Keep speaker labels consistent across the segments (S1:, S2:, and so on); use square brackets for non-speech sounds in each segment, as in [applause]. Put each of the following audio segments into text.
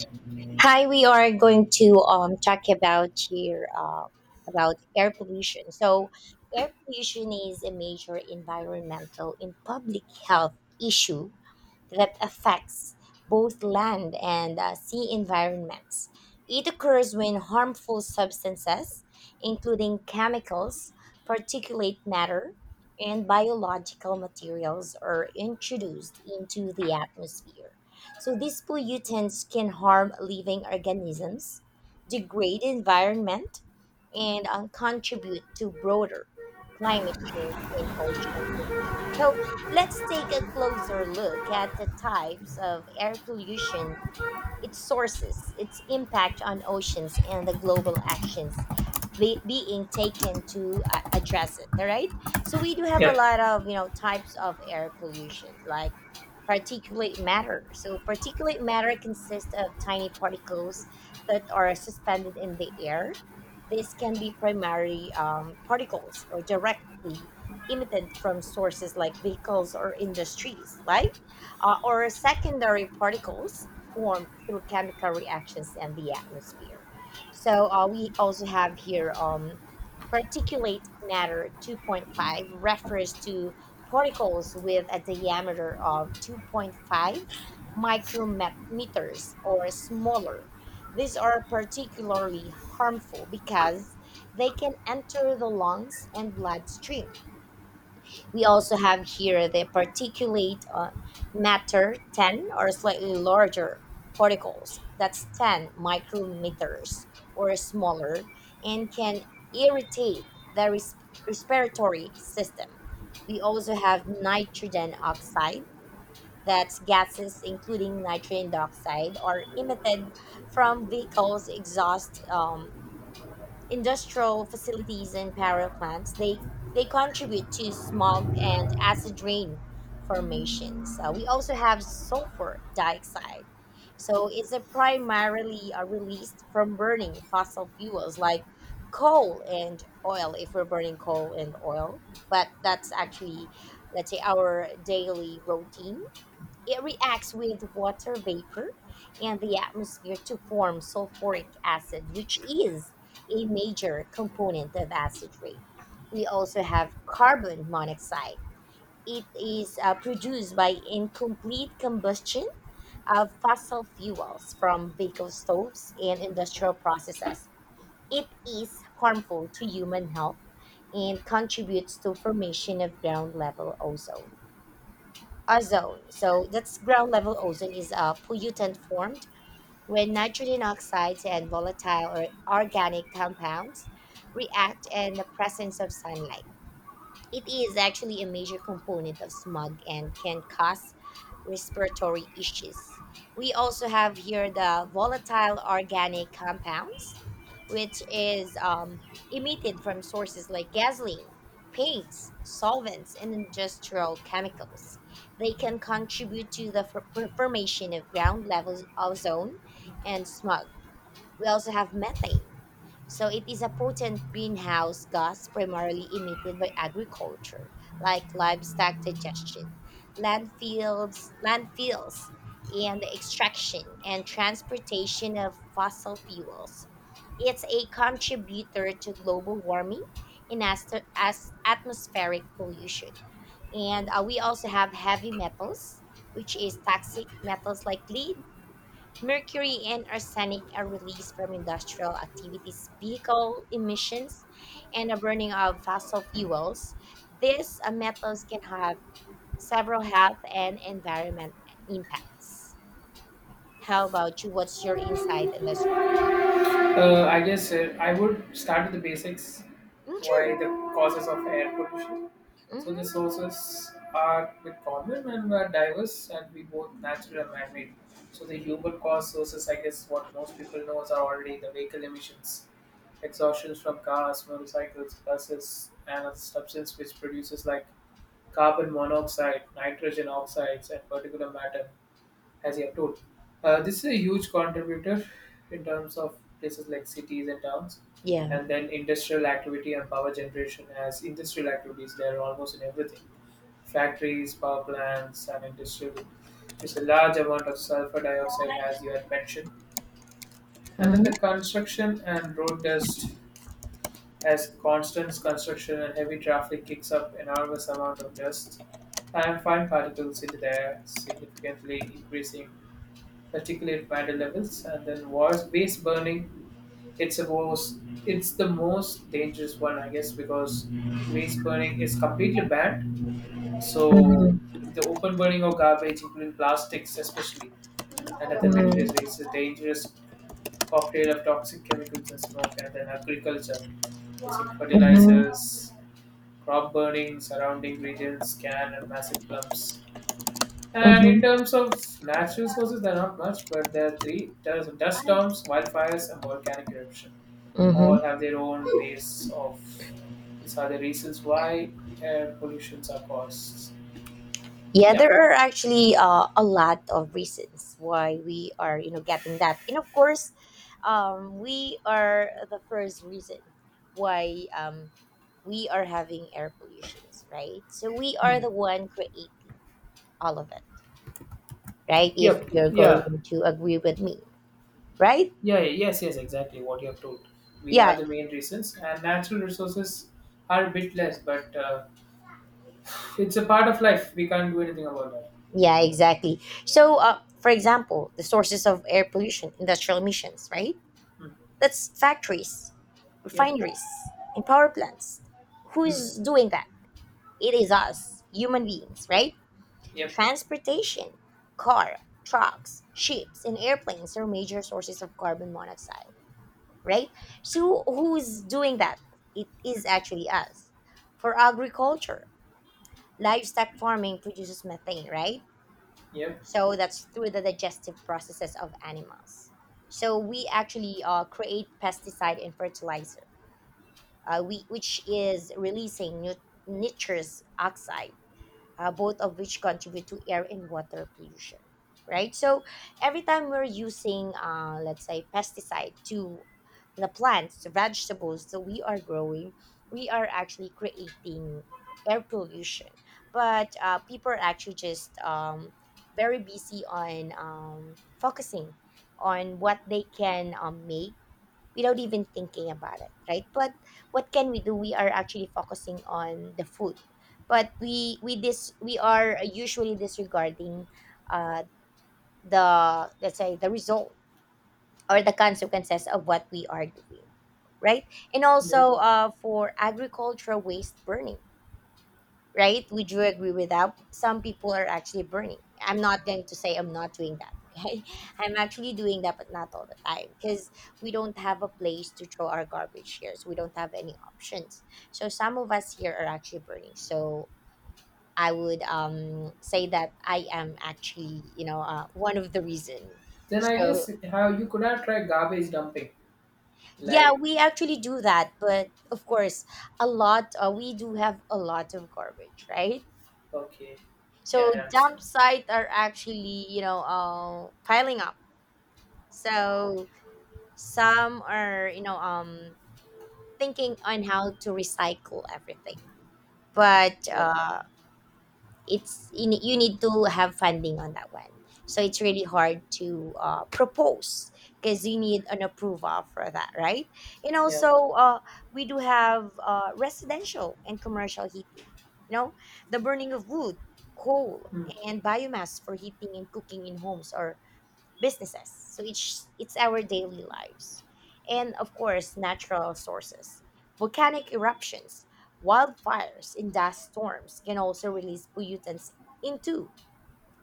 S1: Yeah.
S2: Hi, we are going to talk about here about air pollution. Air pollution is a major environmental and public health issue that affects both land and sea environments. It occurs when harmful substances, including chemicals, particulate matter, and biological materials, are introduced into the atmosphere. So, these pollutants can harm living organisms, degrade environment, and contribute to broader climate change and ocean pollution. So, let's take a closer look at the types of air pollution, its sources, its impact on oceans, and the global actions being taken to address it. All right. So we do have a
S1: Yep.
S2: lot of you know types of air pollution, like particulate matter. So particulate matter consists of tiny particles that are suspended in the air. This can be primary particles or directly emitted from sources like vehicles or industries, right? Or secondary particles formed through chemical reactions and the atmosphere. So we also have here particulate matter 2.5 refers to particles with a diameter of 2.5 micrometers or smaller. These are particularly harmful because they can enter the lungs and bloodstream. We also have here the particulate matter 10, or slightly larger particles, that's 10 micrometers or smaller, and can irritate the res- respiratory system. We also have nitrogen oxide, that's gases including nitrogen dioxide, are emitted from vehicles' exhaust, industrial facilities and power plants. They contribute to smog and acid rain formations. We also have sulfur dioxide, so it's a primarily released from burning fossil fuels like coal and oil. If we're burning coal and oil, but that's actually, let's say, our daily routine, it reacts with water vapor and the atmosphere to form sulfuric acid, which is a major component of acid rain. We also have carbon monoxide. It is produced by incomplete combustion of fossil fuels from vehicle stoves and industrial processes. It is harmful to human health and contributes to formation of ground level ozone. So that's, ground level ozone is a pollutant formed when nitrogen oxides and volatile or organic compounds react in the presence of sunlight. It is actually a major component of smog and can cause respiratory issues. We also have here the volatile organic compounds, which is emitted from sources like gasoline, paints, solvents, and industrial chemicals. They can contribute to formation of ground level ozone and smog. We also have methane. So it is a potent greenhouse gas primarily emitted by agriculture, like livestock digestion, landfills, and the extraction and transportation of fossil fuels. It's a contributor to global warming and as atmospheric pollution. And we also have heavy metals, which is toxic metals like lead, Mercury and arsenic, are released from industrial activities, vehicle emissions, and the burning of fossil fuels. These metals can have several health and environment impacts. How about you? What's your insight in this one?
S1: I guess I would start with the basics.
S2: Mm, sure.
S1: Why the causes of air pollution? So the
S2: Hmm.
S1: sources are bit common and are diverse, and we both natural and man-made. So the human cause sources, I guess, what most people knows are already the vehicle emissions, exhaustions from cars, motorcycles, buses, and other substance which produces like carbon monoxide, nitrogen oxides, and particulate matter as you have told. This is a huge contributor in terms of places like cities and towns,
S2: Yeah.
S1: and then industrial activity and power generation. As industrial activities, they are almost in everything: factories, power plants, and industrial. It's a large amount of sulfur dioxide, as you had mentioned, and then the
S2: Hmm.
S1: construction and road dust. As constant construction and heavy traffic kicks up enormous amount of dust and fine particles into the air, significantly increasing particulate matter levels, and then was waste burning. It's a most, it's the most dangerous one, I guess, because waste burning is completely banned. So the open burning of garbage, including plastics especially, and other materials,
S2: Hmm.
S1: raises a dangerous cocktail of toxic chemicals and smoke, and then agriculture using
S2: Hmm.
S1: fertilizers, crop burning, surrounding regions, can and massive clumps. And
S2: Hmm.
S1: in terms of natural sources, there are not much, but there are three. There's dust storms, wildfires, and volcanic eruption. All
S2: Hmm.
S1: have their own ways of. These are the reasons why air pollutions are caused.
S2: Yeah,
S1: Yeah.
S2: there are actually a lot of reasons why we are, you know, getting that. And of course, we are the first reason why we are having air pollutions, right? So we are
S1: Hmm.
S2: the one creating all of it, right? If
S1: Yep.
S2: you're
S1: Yeah.
S2: going to agree with me, right?
S1: Yeah. Yes. Yes. Exactly what you have told. We are
S2: Yeah,
S1: the main reasons, and natural resources are a bit less, but it's a part of life. We can't do anything about that.
S2: yeah, exactly. So, for example, the sources of air pollution, industrial emissions, right?
S1: Hmm.
S2: That's factories,
S1: Yep.
S2: refineries, and power plants.
S1: Hmm.
S2: Who's doing that? It is us, human beings, right?
S1: Yep.
S2: Transportation, car, trucks, ships, and airplanes are major sources of carbon monoxide, right? So who's doing that? It is actually us. For agriculture, livestock farming produces methane, right?
S1: Yep.
S2: So that's through the digestive processes of animals. So we actually create pesticide and fertilizer, which is releasing nitrous oxide, both of which contribute to air and water pollution. Right, so every time we're using, let's say, pesticide to the plants, the vegetables that we are growing, we are actually creating air pollution. But people are actually just very busy on focusing on what they can make without even thinking about it, right? But what can we do? We are actually focusing on the food, but we are usually disregarding uh, the, let's say, the result or the consequences of what we are doing, right? And
S1: Yep.
S2: also for agricultural waste burning, right? Would you agree with that? Some people are actually burning. I'm not going to say I'm not doing that. Okay, [laughs] I'm actually doing that, but not all the time, because we don't have a place to throw our garbage here, so we don't have any options. So some of us here are actually burning. So I would say that I am actually you know one of the reason.
S1: Then I
S2: So
S1: guess how you could have tried garbage dumping.
S2: yeah,
S1: Like,
S2: we actually do that, but of course, a lot we do have a lot of garbage, right?
S1: okay.
S2: So
S1: Yeah, I
S2: dump
S1: understand.
S2: sites are actually, you know, piling up. So some are, you know, thinking on how to recycle everything. But
S1: Yeah,
S2: it's you need to have funding on that one, so it's really hard to propose, because you need an approval for that, right? And
S1: yeah.
S2: also we do have residential and commercial heating, you know, the burning of wood, coal,
S1: Hmm.
S2: and biomass for heating and cooking in homes or businesses. So it's our daily lives. And of course, natural sources. Volcanic eruptions, wildfires, and dust storms can also release pollutants into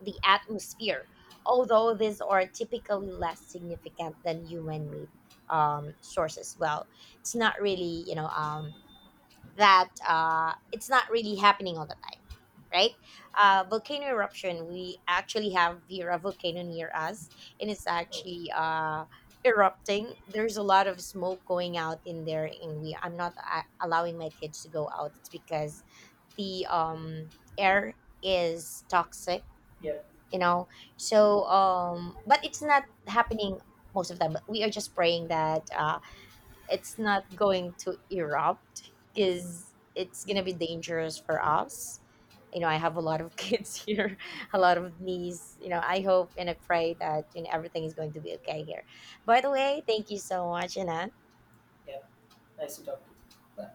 S2: the atmosphere, although these are typically less significant than human-made sources. Well, it's not really, you know, that it's not really happening all the time, right? Volcano eruption. We actually have Vera volcano near us, and it's
S1: Okay.
S2: actually erupting. There's a lot of smoke going out in there, and we I'm not allowing my kids to go out. It's because the air is toxic,
S1: Yeah,
S2: you know. So, but it's not happening most of the time. But we are just praying that. It's not going to erupt because it's gonna be dangerous for us. You know, I have a lot of [laughs] kids here, a lot of niece. You know, I hope and I pray that you know everything is going to be okay here. By the way, thank you so much, Ina.
S1: yeah. Nice to talk to you.